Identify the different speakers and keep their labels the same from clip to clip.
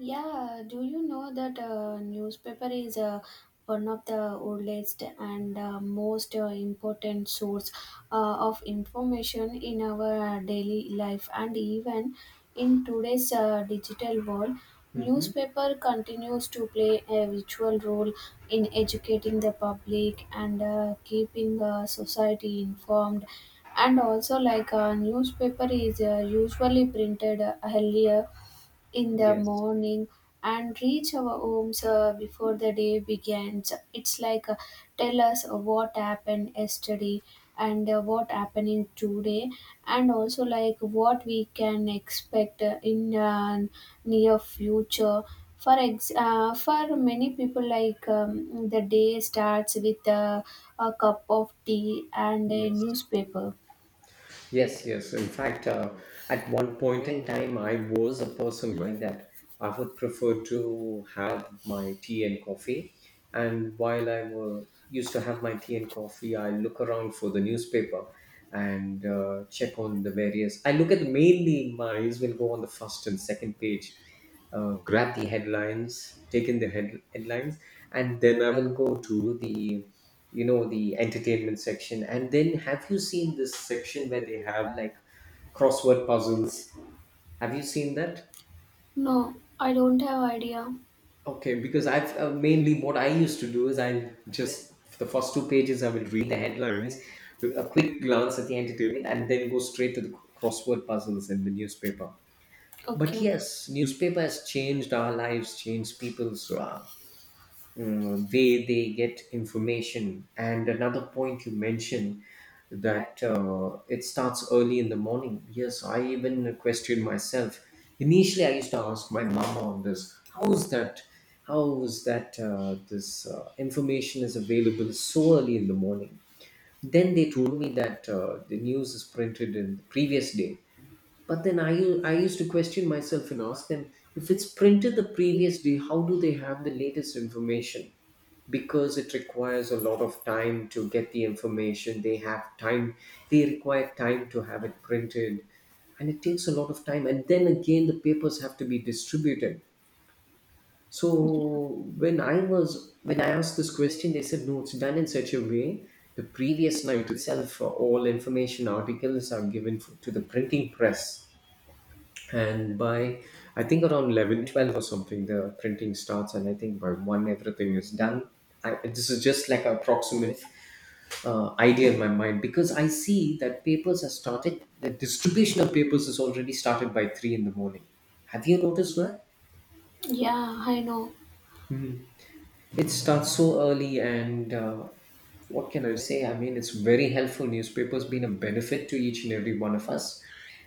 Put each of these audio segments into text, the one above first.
Speaker 1: Yeah, do you know that newspaper is one of the oldest and most important source of information in our daily life, and even in today's digital world
Speaker 2: Mm-hmm.
Speaker 1: newspaper continues to play a vital role in educating the public and keeping society informed, and also like newspaper is usually printed earlier in the
Speaker 2: Yes,
Speaker 1: morning and reach our homes before the day begins. It's like tell us what happened yesterday and what happening today, and also like what we can expect in near future. For many people like the day starts with a cup of tea and a
Speaker 2: yes,
Speaker 1: newspaper.
Speaker 2: yes, yes. In fact, at one point in time, I was a person like that. I would prefer to have my tea and coffee. And used to have my tea and coffee, I look around for the newspaper and check on the various. I look at mainly my eyes will go on the first and second page, grab the headlines, take in the headlines, and then I will go to the the entertainment section. And then, have you seen this section where they have like crossword puzzles? Have you seen that?
Speaker 1: No, I don't have idea.
Speaker 2: Okay, because I've, mainly what I used to do is, I just, for the first two pages I will read the headlines, do a quick glance at the entertainment, and then go straight to the crossword puzzles in the newspaper. But
Speaker 1: Okay.
Speaker 2: yes, newspaper has changed our lives, changed people's way they get information. And another point you mentioned that it starts early in the morning. Yes, I even questioned myself. Initially, I used to ask my mama on this. How is that? How is that this information is available so early in the morning? Then they told me that the news is printed in the previous day. But then I used to question myself and ask them, if it's printed the previous day, how do they have the latest information? Because it requires a lot of time to get the information. They have time, they require time to have it printed, and it takes a lot of time. And then again, the papers have to be distributed. So when I asked this question, they said, no, it's done in such a way, the previous night itself, all information articles are to the printing press. And by, I think, around 11, 12 or something, the printing starts. And I think by 1 everything is done. I, this is just like an approximate idea in my mind, because I see that papers have started the distribution of papers is already started by 3 in the morning. Have you noticed that?
Speaker 1: Yeah, I know.
Speaker 2: It starts so early, and what can I say? I mean, it's very helpful. Newspapers been a benefit to each and every one of us,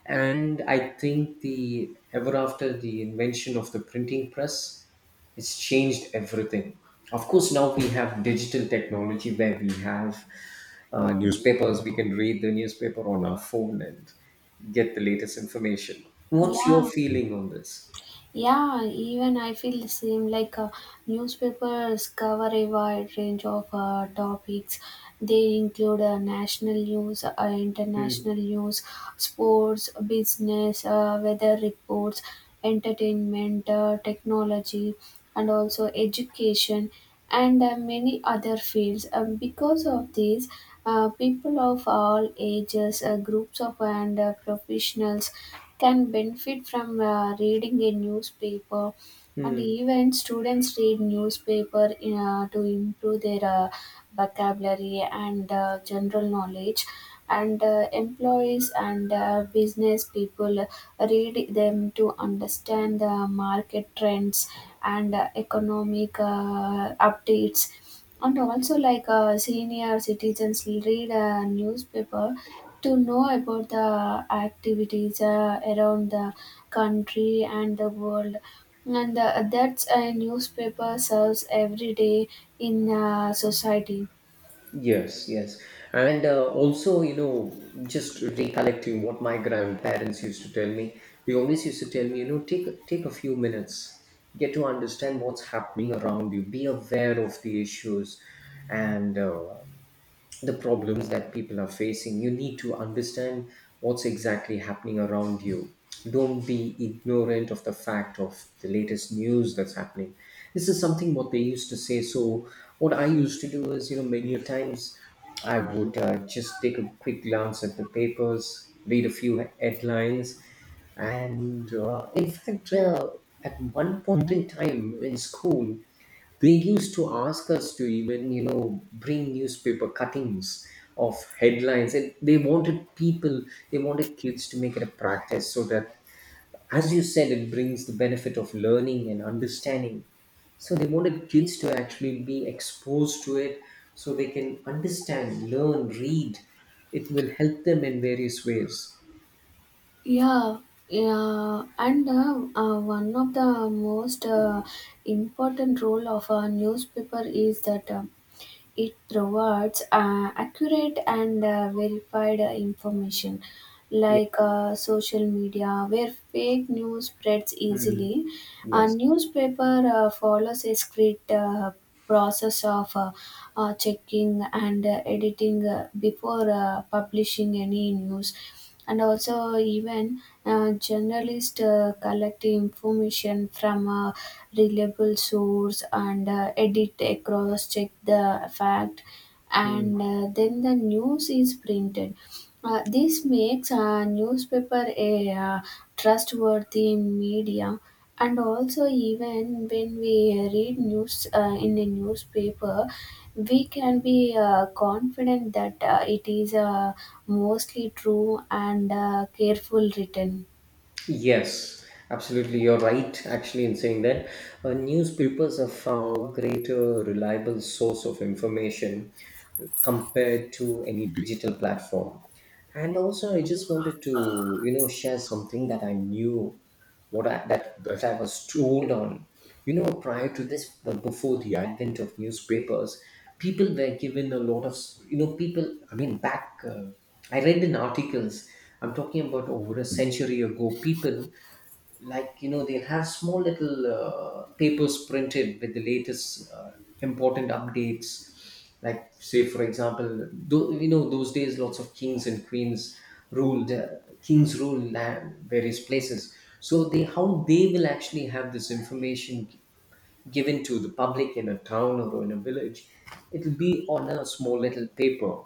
Speaker 2: and I think the ever after the invention of the printing press, it's changed everything. Of course, now we have digital technology where we have newspapers. We can read the newspaper on our phone and get the latest information. What's your
Speaker 1: Yeah.
Speaker 2: feeling on this?
Speaker 1: Yeah, even I feel the same. Like newspapers cover a wide range of topics. They include national news, international
Speaker 2: Hmm.
Speaker 1: news, sports, business, weather reports, entertainment, technology, and also education, and many other fields. Because of this, people of all ages, groups of and professionals can benefit from reading a newspaper, and
Speaker 2: Hmm.
Speaker 1: even students read newspaper in, to improve their vocabulary and general knowledge, and employees and business people read them to understand the market trends and economic updates, and also like senior citizens read a newspaper to know about the activities around the country and the world. And that's a newspaper serves every day in society.
Speaker 2: Yes, yes. And also, you know, just recollecting what my grandparents used to tell me, they always used to tell me, you know, take a few minutes, get to understand what's happening around you, be aware of the issues, and the problems that people are facing. You need to understand what's exactly happening around you. Don't be ignorant of the fact of the latest news that's happening. This is something what they used to say. So what I used to do is, you know, many a times I would, just take a quick glance at the papers, read a few headlines. And in fact, at one point in time in school, they used to ask us to even, you know, bring newspaper cuttings of headlines. And they wanted people, they wanted kids to make it a practice, so that, as you said, it brings the benefit of learning and understanding. So they wanted kids to actually be exposed to it, so they can understand, learn, read. It will help them in various ways.
Speaker 1: Yeah, yeah, and one of the most important role of a newspaper is that it provides accurate and verified information,
Speaker 2: Yeah.
Speaker 1: like social media, where fake news spreads
Speaker 2: Mm.
Speaker 1: easily. A
Speaker 2: Yes.
Speaker 1: newspaper follows a strict process of checking and editing before publishing any news, and also even journalists collect information from a reliable source and edit across check the fact,
Speaker 2: Hmm.
Speaker 1: and then the news is printed. This makes a newspaper a trustworthy media, and also even when we read news in a newspaper we can be confident that it is mostly true and careful written.
Speaker 2: Yes, absolutely. You're right, actually, in saying that. Newspapers are far greater reliable source of information compared to any digital platform. And also, I just wanted to, you know, share something that I knew, what I, that I was told on, you know, prior to this. But before the advent of newspapers, people were given a lot of, you know, people, I mean, back, I read in articles, I'm talking about over a century ago. People, like, you know, they'll have small little papers printed with the latest important updates. Like, say for example, though, you know, those days lots of kings and queens ruled, kings ruled land, various places. So they, how they will actually have this information given to the public in a town or in a village, it'll be on a small little paper,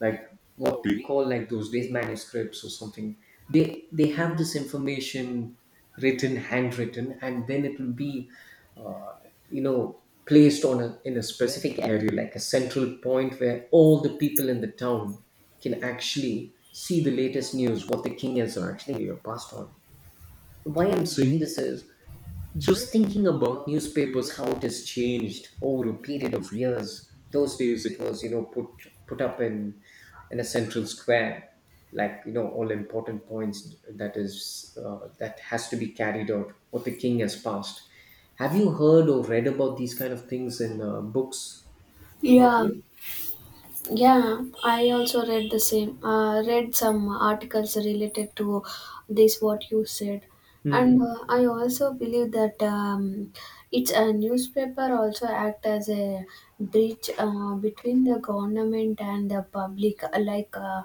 Speaker 2: like, what we call like those days manuscripts or something. They have this information written, handwritten, and then it will be, uh, you know, placed on a, in a specific area, like a central point where all the people in the town can actually see the latest news, what the king has actually passed on. Why I'm saying this is, just thinking about newspapers, how it has changed over a period of years. Those days it was, you know, put up in a central square, like, you know, all important points that is that has to be carried out. What the king has passed. Have you heard or read about these kind of things in books,
Speaker 1: Yeah.
Speaker 2: Madhavi?
Speaker 1: Yeah, I also read the same. Read some articles related to this what you said, and
Speaker 2: Hmm.
Speaker 1: I also believe that it's a newspaper also act as a bridge between the government and the public. Like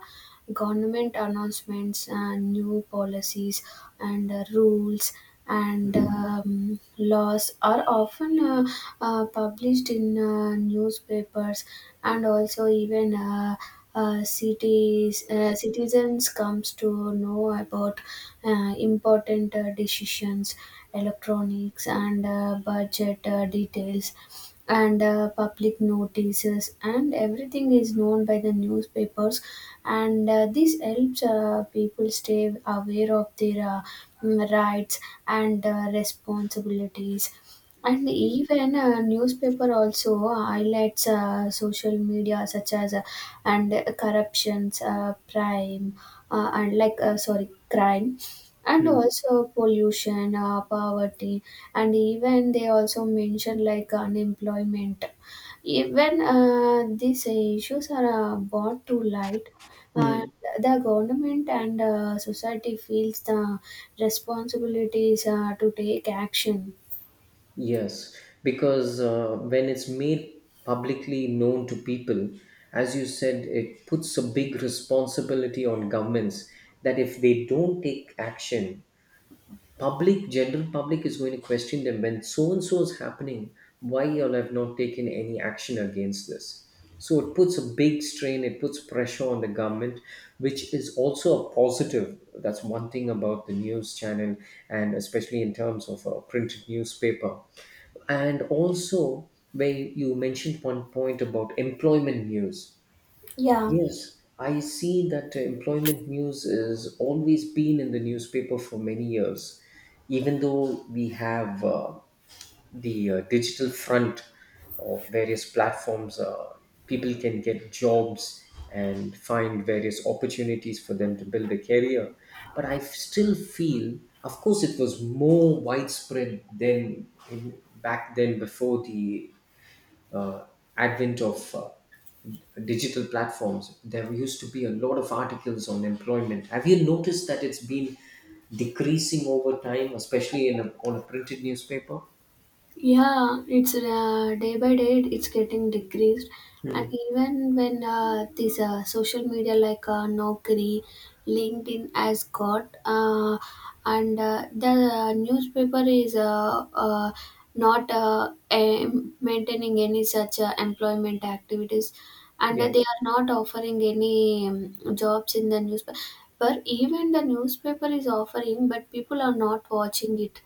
Speaker 1: government announcements and new policies and rules and laws are often published in newspapers, and also even cities citizens comes to know about important decisions, electronics and budget details, and public notices and everything is known by the newspapers, and this helps people stay aware of their rights and responsibilities. And even newspaper also highlights social media such as and corruptions, crime, and like sorry, crime and
Speaker 2: Hmm.
Speaker 1: also pollution, poverty, and even they also mention like unemployment. Even these issues are brought to light. uh,
Speaker 2: Hmm.
Speaker 1: the government and society feels the responsibilities to take action.
Speaker 2: Yes, because when it's made publicly known to people, as you said, it puts a big responsibility on governments, that if they don't take action, public, general public is going to question them, when so and so is happening, why you all have not taken any action against this. So it puts a big strain, it puts pressure on the government, which is also a positive. That's one thing about the news channel, and especially in terms of a printed newspaper. And also, where you mentioned one point about employment news.
Speaker 1: Yeah.
Speaker 2: Yes, I see that employment news has always been in the newspaper for many years, even though we have the digital front or various platforms, people can get jobs and find various opportunities for them to build a career. But I still feel, of course, it was more widespread than in, back then before the uh, advent of digital platforms. There used to be a lot of articles on employment. Have you noticed that it's been decreasing over time, especially in a, on a printed newspaper?
Speaker 1: Yeah, it's day by day it's getting decreased, and even when this social media like Naukri, LinkedIn has got, and the newspaper is not maintaining any such employment activities, and
Speaker 2: Yes.
Speaker 1: they are not offering any jobs in the newspaper. Even the newspaper is offering, but people are not watching it,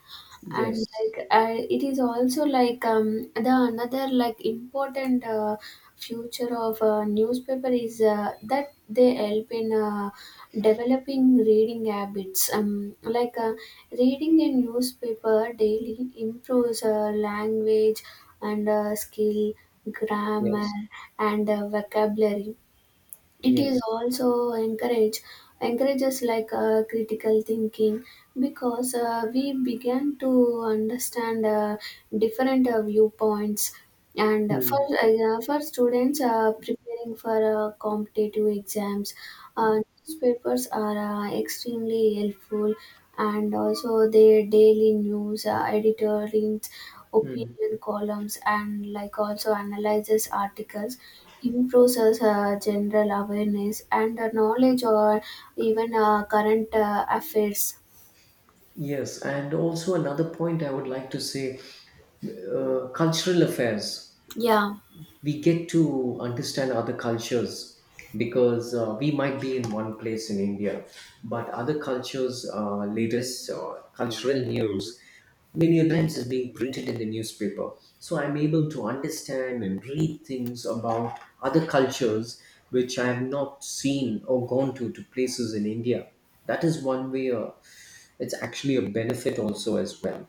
Speaker 1: and
Speaker 2: Yes,
Speaker 1: like it is also like the another like important future of newspaper is that they help in developing reading habits, like reading a newspaper daily improves language and skill, grammar
Speaker 2: yes,
Speaker 1: and vocabulary. It is
Speaker 2: yes.
Speaker 1: also encourage encourages like critical thinking, because we began to understand different viewpoints. And for
Speaker 2: Mm.
Speaker 1: for students preparing for competitive exams, uh, newspapers are extremely helpful, and also their daily news, editorials, opinion columns, and like also analyzes articles improves us, general awareness and knowledge or even current affairs.
Speaker 2: Yes, and also another point I would like to say, cultural affairs.
Speaker 1: Yeah.
Speaker 2: We get to understand other cultures, because we might be in one place in India, but other cultures' latest cultural news many a times is being printed in the newspaper. So I'm able to understand and read things about other cultures, which I have not seen or gone to places in India. That is one way. It's actually a benefit also as well.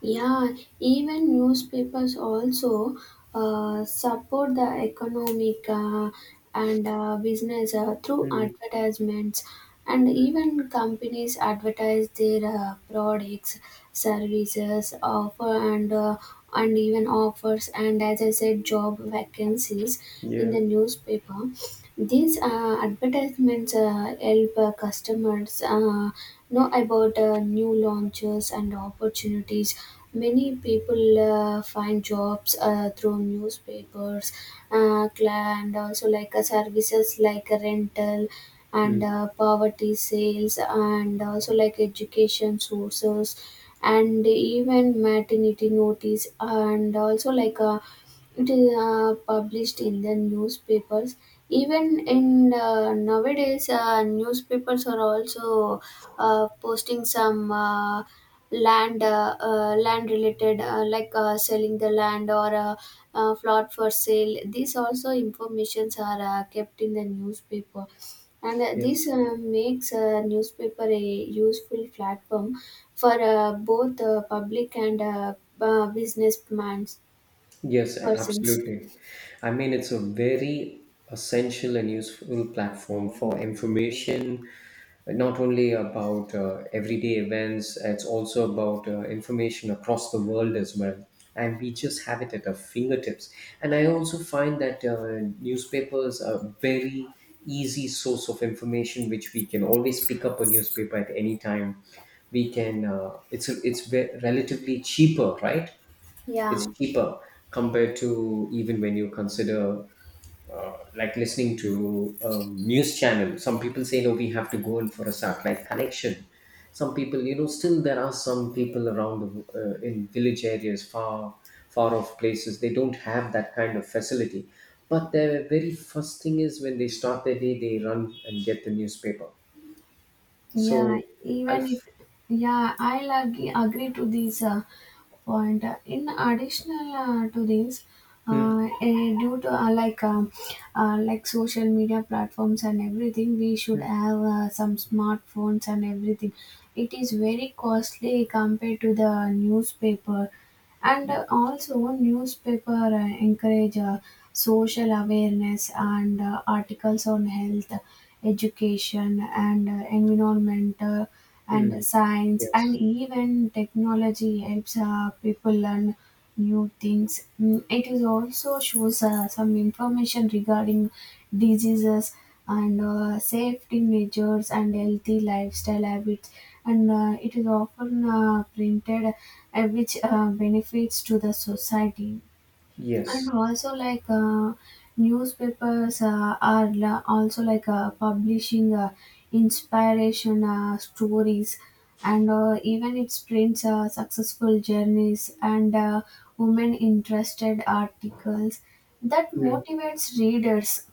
Speaker 1: Yeah, even newspapers also support the economic and business through
Speaker 2: Mm.
Speaker 1: advertisements, and
Speaker 2: Mm.
Speaker 1: even companies advertise their products, services, offer and even offers, and as I said, job vacancies in
Speaker 2: Yeah.
Speaker 1: the newspaper. These advertisements help customers know about new launches and opportunities. Many people find jobs through newspapers, and also like services like rental and
Speaker 2: Mm.
Speaker 1: poverty sales, and also like education sources, and even maternity notice, and also like it is published in the newspapers. Even in nowadays newspapers are also posting some land land related, like selling the land or a plot for sale. These also informations are kept in the newspaper, and this
Speaker 2: Yes.
Speaker 1: makes newspaper a useful platform for both public and business
Speaker 2: Yes, a-
Speaker 1: persons.
Speaker 2: absolutely. I mean, it's a very essential and useful platform for information, not only about everyday events, it's also about information across the world as well. And we just have it at our fingertips. And I also find that newspapers are very easy source of information, which we can always pick up a newspaper at any time. We can, it's relatively cheaper, right? It's
Speaker 1: Yeah.
Speaker 2: cheaper compared to even when you consider, like, listening to news channel. Some people say, no, we have to go in for a satellite connection. Some people, you know, still there are some people around the, in village areas, far far off places, they don't have that kind of facility. But their very first thing is, when they start their day, they run and get the newspaper.
Speaker 1: Yeah,
Speaker 2: So I
Speaker 1: even it.
Speaker 2: f-.
Speaker 1: Yeah, I'll agree to this point. In additional to this,
Speaker 2: Hmm,
Speaker 1: due to like social media platforms and everything, we should
Speaker 2: hmm,
Speaker 1: have some smartphones and everything. It is very costly compared to the newspaper, and also newspaper encourage social awareness, and articles on health, education and environment and
Speaker 2: hmm.
Speaker 1: science, and
Speaker 2: Yes.
Speaker 1: even technology helps people learn new things. It is also shows some information regarding diseases and safety measures and healthy lifestyle habits. And it is often printed, which benefits to the society, and
Speaker 2: Yes.
Speaker 1: also like newspapers also like publishing inspiration stories, and even it prints successful journeys and women interested articles that motivates readers.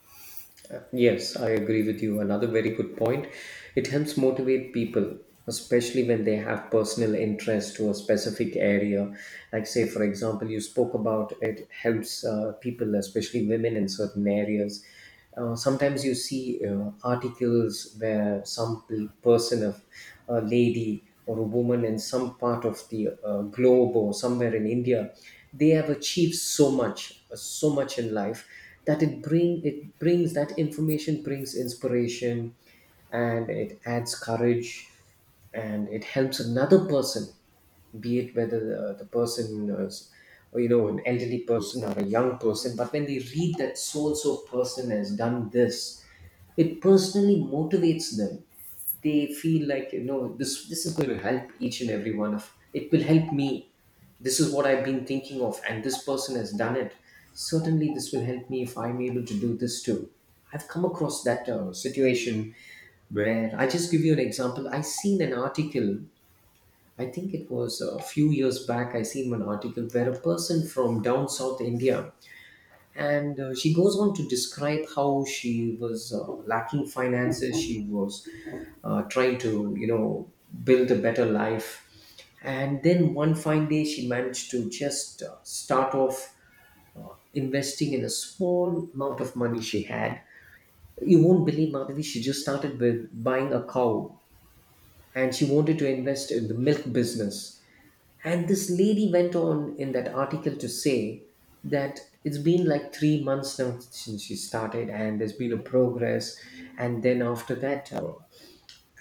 Speaker 2: Yes, I agree with you. Another very good point. It helps motivate people, especially when they have personal interest to a specific area. Like, say for example, you spoke about it helps people, especially women in certain areas. Sometimes you see articles where some person, of a lady or a woman in some part of the globe or somewhere in India, they have achieved so much, so much in life, that it brings that information, brings inspiration, and it adds courage, and it helps another person, be it whether the person is, or, you know, an elderly person or a young person. But when they read that so and so person has done this, it personally motivates them. They feel like, you know, this is going to help each and every one of, it will help me. This is what I've been thinking of, and this person has done it. Certainly, this will help me if I'm able to do this too. I've come across that situation where I just give you an example. I seen an article. I think it was a few years back. I seen one article where a person from down south India, and she goes on to describe how she was lacking finances. She was trying to, you know, build a better life, and then one fine day she managed to just start off investing in a small amount of money she had. You won't believe, Madhavi, she just started with buying a cow, and she wanted to invest in the milk business. And this lady went on in that article to say that it's been like 3 months now since she started, and there's been a progress. And then after that,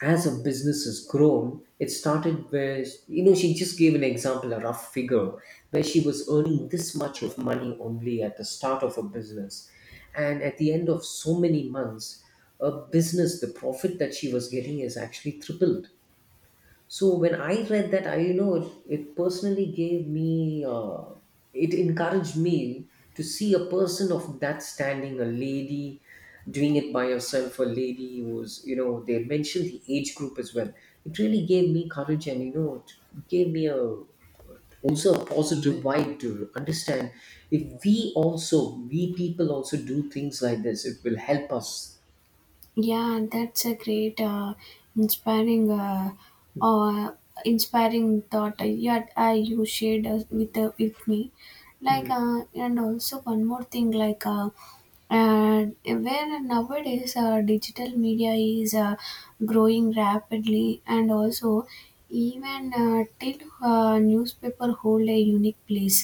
Speaker 2: as her business has grown, it started where, you know, she just gave an example, a rough figure, where she was earning this much of money only at the start of her business. And at the end of so many months, a business, the profit that she was getting is actually tripled. So when I read that, I, you know, it personally gave me it encouraged me to see a person of that standing, a lady doing it by herself, a lady who was, you know, they mentioned the age group as well. It really gave me courage, and you know it gave me a also a positive vibe to understand if we also, we people also do things like this, it will help us.
Speaker 1: Yeah, that's a great, inspiring, uh, inspiring thought. Yeah, you shared with me, like,
Speaker 2: Mm,
Speaker 1: and also one more thing, like, where nowadays digital media is growing rapidly, and also even till newspaper hold a unique place,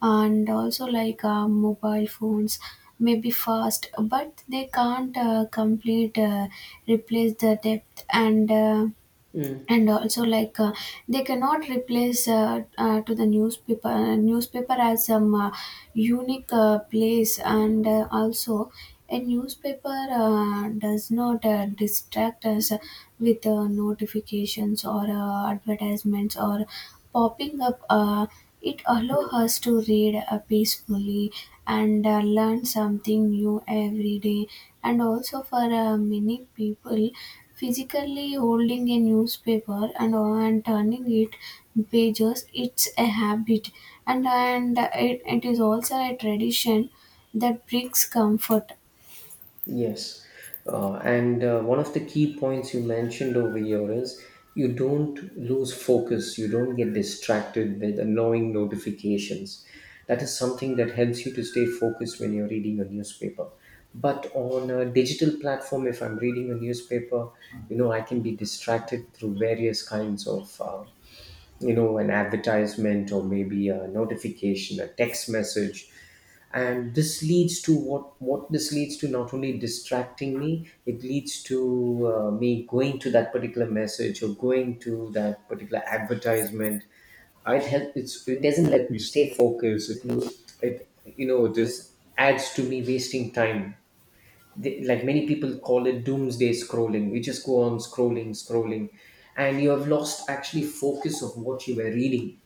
Speaker 1: and also like mobile phones may be fast but they can't complete replace the depth
Speaker 2: mm,
Speaker 1: and also like they cannot replace to the newspaper as some unique place, and also a newspaper does not distract us with notifications or advertisements or popping up. It allows
Speaker 2: mm.
Speaker 1: us to read peacefully and learn something new every day, and also for many people physically holding a newspaper and turning it pages, it's a habit, and it is also a tradition that brings comfort.
Speaker 2: Yes. And one of the key points you mentioned over here is you don't lose focus, you don't get distracted with annoying notifications. That is something that helps you to stay focused when you're reading a newspaper. But on a digital platform, if I'm reading a newspaper, you know, I can be distracted through various kinds of, you know, an advertisement or maybe a notification, a text message. And this leads to what this leads to, not only distracting me, it leads to me going to that particular message or going to that particular advertisement. It help it's, it doesn't let me stay focused. It, you know, this adds to me wasting time. They, like many people call it doomsday scrolling, you just go on scrolling, scrolling, and you have lost actually focus of what you were reading.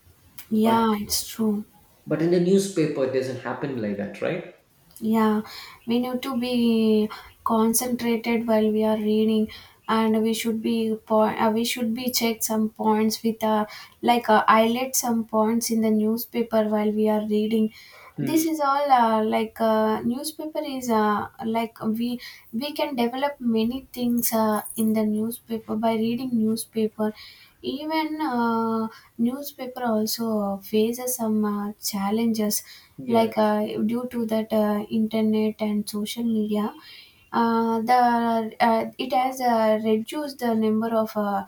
Speaker 2: but
Speaker 1: Yeah, it's true.
Speaker 2: but in the newspaper it doesn't happen like that, right?
Speaker 1: Yeah, we need to be concentrated while we are reading, and we should be point. We should be check some points with like highlight some points in the newspaper while we are reading. This
Speaker 2: Mm.
Speaker 1: is all like newspaper is like we can develop many things in the newspaper by reading newspaper. Even newspaper also faces some challenges like
Speaker 2: Yes,
Speaker 1: due to that internet and social media, the it has reduced the number of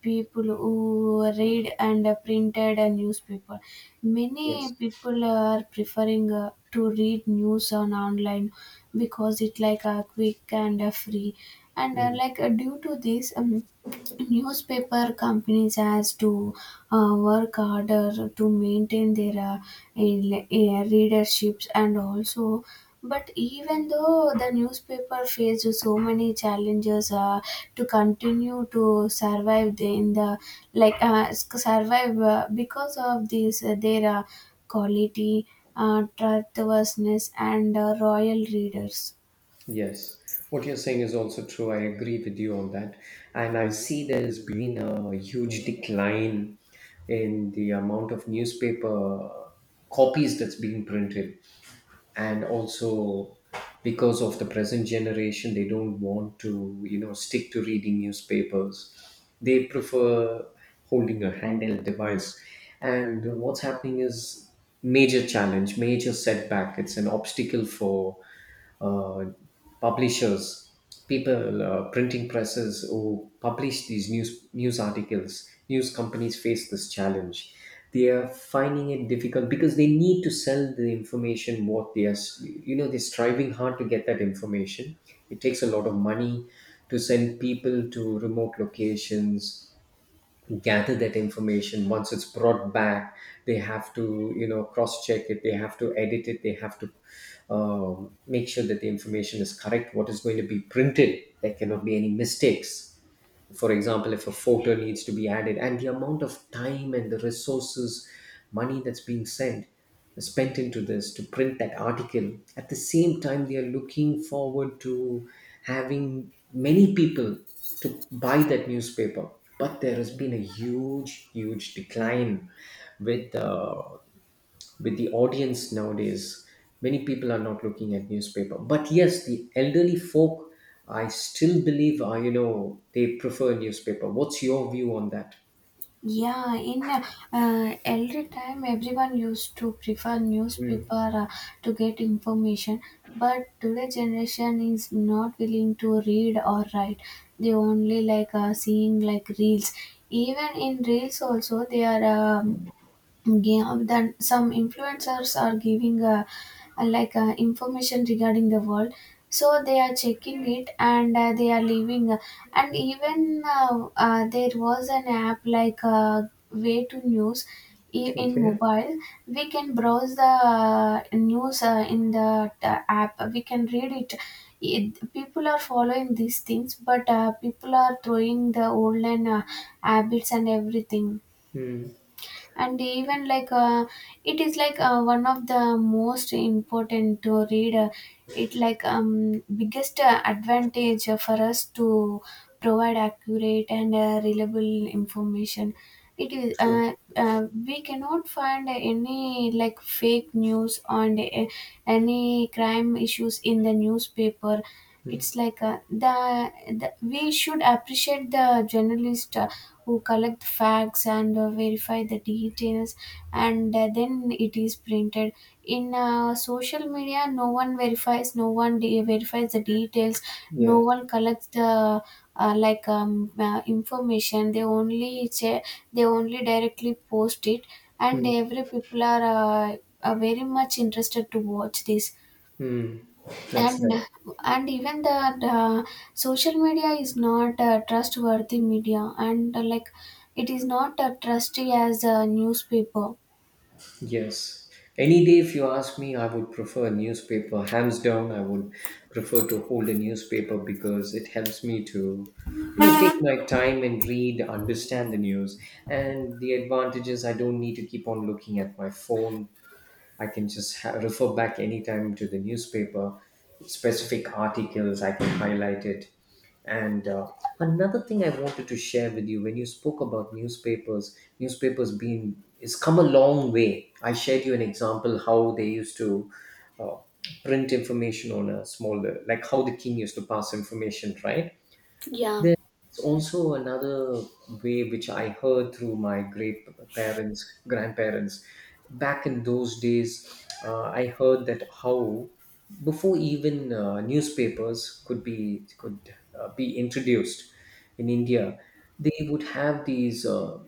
Speaker 1: people who read and printed a newspaper. Many
Speaker 2: yes.
Speaker 1: people are preferring to read news on online because it like quick and free, and
Speaker 2: Mm.
Speaker 1: like due to this, newspaper companies has to work harder to maintain their readerships, and also but even though the newspaper faced so many challenges to continue to survive in the like survive because of this their quality, trustworthiness and royal readers.
Speaker 2: Yes. What you're saying is also true. I agree with you on that. And I see there's been a huge decline in the amount of newspaper copies that's being printed. And also because of the present generation, they don't want to, you know, stick to reading newspapers. They prefer holding a handheld device. And what's happening is major challenge, major setback. It's an obstacle for uh, publishers, people, printing presses who publish these news articles. News companies face this challenge. They are finding it difficult because they need to sell the information. What they are, you know, they're striving hard to get that information. It takes a lot of money to send people to remote locations, gather that information. Once it's brought back, they have to, you know, cross check it, they have to edit it, they have to make sure that the information is correct. What is going to be printed, there cannot be any mistakes. For example, if a photo needs to be added, and the amount of time and the resources, money that's being sent, spent into this to print that article, at the same time they are looking forward to having many people to buy that newspaper. But there has been a huge decline with, with the audience nowadays. Many people are not looking at newspaper, but yes, the elderly folk, I still believe are, you know, they prefer newspaper. What's your view on that?
Speaker 1: Yeah, in elder time, everyone used to prefer newspaper
Speaker 2: Mm.
Speaker 1: to get information, but today generation is not willing to read or write. They only like seeing like reels. Even in reels also, they are yeah, then some influencers are giving like information regarding the world, so they are checking it and they are leaving, and even there was an app like way to news in
Speaker 2: Okay.
Speaker 1: mobile. We can browse the news in the app, we can read it. It, people are following these things, but people are throwing the old and habits and everything.
Speaker 2: Mm.
Speaker 1: And even like it is like one of the most important to read it, like biggest advantage for us to provide accurate and reliable information. It is
Speaker 2: True.
Speaker 1: we cannot find any like fake news on the, any crime issues in the newspaper. It's like the we should appreciate the journalist who collect facts and verify the details, and then it is printed. In social media no one verifies, no one de- verifies the details, no
Speaker 2: Yes.
Speaker 1: one collects the information, they only they only directly post it, and
Speaker 2: Mm.
Speaker 1: every people uh, are very much interested to watch this.
Speaker 2: Mm. That's
Speaker 1: and
Speaker 2: nice.
Speaker 1: and even the social media is not trustworthy media, and like it is not trusty as a newspaper.
Speaker 2: Yes. Any day, if you ask me, I would prefer a newspaper. Hands down, I would prefer to hold a newspaper because it helps me to, you know, take my time and read, understand the news. And the advantage is I don't need to keep on looking at my phone. I can just refer back anytime to the newspaper, specific articles, I can highlight it. And another thing I wanted to share with you when you spoke about newspapers, newspapers being, it's come a long way. I shared you an example how they used to uh, print information on a smaller, like how the king used to pass information, right?
Speaker 1: Um,
Speaker 2: There's also another way which I heard through my great parents, grandparents. Back in those days, I heard that how before even newspapers could be introduced in India, they would have these.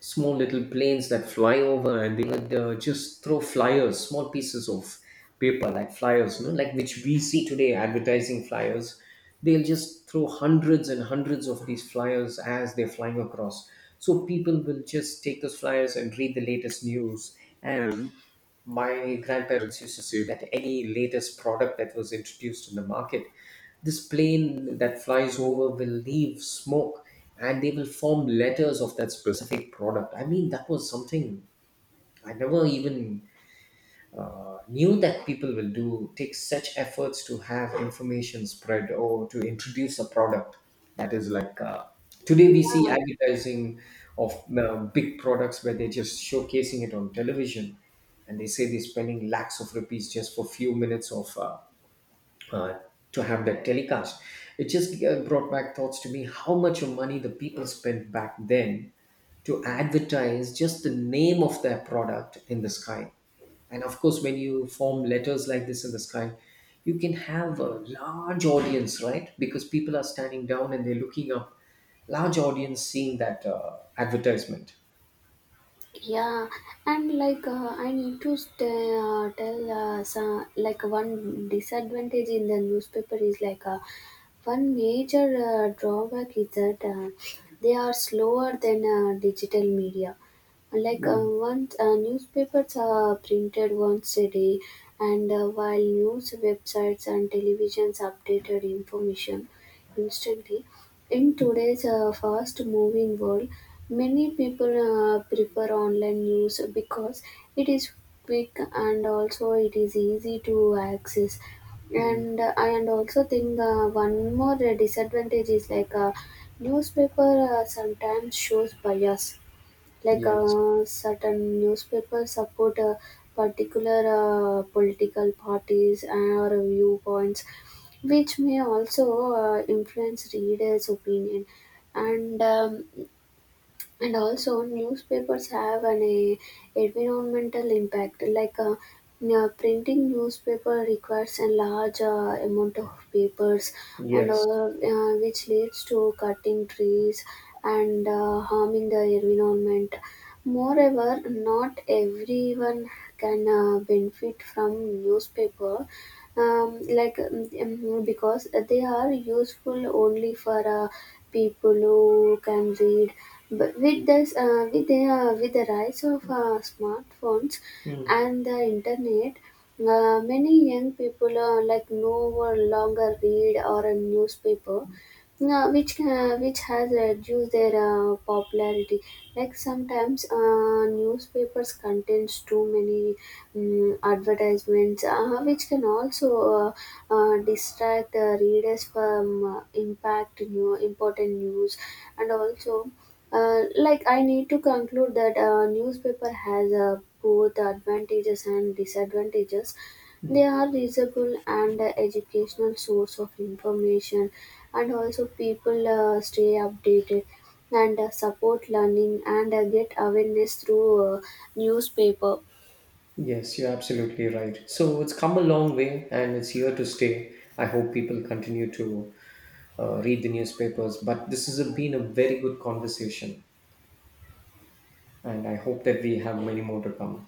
Speaker 2: Small little planes that fly over, and they would just throw flyers, small pieces of paper like flyers, you know, like which we see today, advertising flyers. They'll just throw hundreds and hundreds of these flyers as they're flying across. So people will just take those flyers and read the latest news. And my grandparents used to say that any latest product that was introduced in the market, this plane that flies over will leave smoke and they will form letters of that specific product. I mean, that was something I never even knew that people will do, take such efforts to have information spread or to introduce a product that is like. Today we see
Speaker 1: yeah.
Speaker 2: advertising of big products where they're just showcasing it on television, and they say they're spending lakhs of rupees just for few minutes of uh, to have that telecast. It just brought back thoughts to me how much of money the people spent back then to advertise just the name of their product in the sky. And of course, when you form letters like this in the sky, you can have a large audience, right? Because people are standing down and they're looking up. Large audience seeing that advertisement.
Speaker 1: Yeah, and like I need to tell some, like one disadvantage in the newspaper is like one major drawback is that they are slower than digital media. Like
Speaker 2: Mm.
Speaker 1: once newspapers are printed once a day, and while news websites and televisions updated information instantly, in today's fast-moving world, many people prefer online news because it is quick and also it is easy to access.
Speaker 2: Mm.
Speaker 1: And I and also think one more disadvantage is like newspaper sometimes shows bias, like
Speaker 2: Yes.
Speaker 1: certain newspapers support particular political parties and or viewpoints, which may also influence readers opinion. And and also newspapers have an a, environmental impact like yeah, printing newspaper requires a large amount of papers and all,
Speaker 2: Yes.
Speaker 1: which leads to cutting trees and harming the environment. Moreover, not everyone can benefit from newspaper, because they are useful only for people who can read. But with this with the rise of smartphones
Speaker 2: Mm.
Speaker 1: and the internet, many young people like no longer read or a newspaper, no, which has reduced their popularity. Like sometimes newspapers contains too many advertisements, which can also distract readers from impact new important news, and also like I need to conclude that newspaper has both advantages and disadvantages. They are reachable and educational source of information, and also people stay updated and support learning and get awareness through newspaper.
Speaker 2: Yes, you're absolutely right. So it's come a long way and it's here to stay. I hope people continue to read the newspapers. But this has been a very good conversation, and I hope that we have many more to come.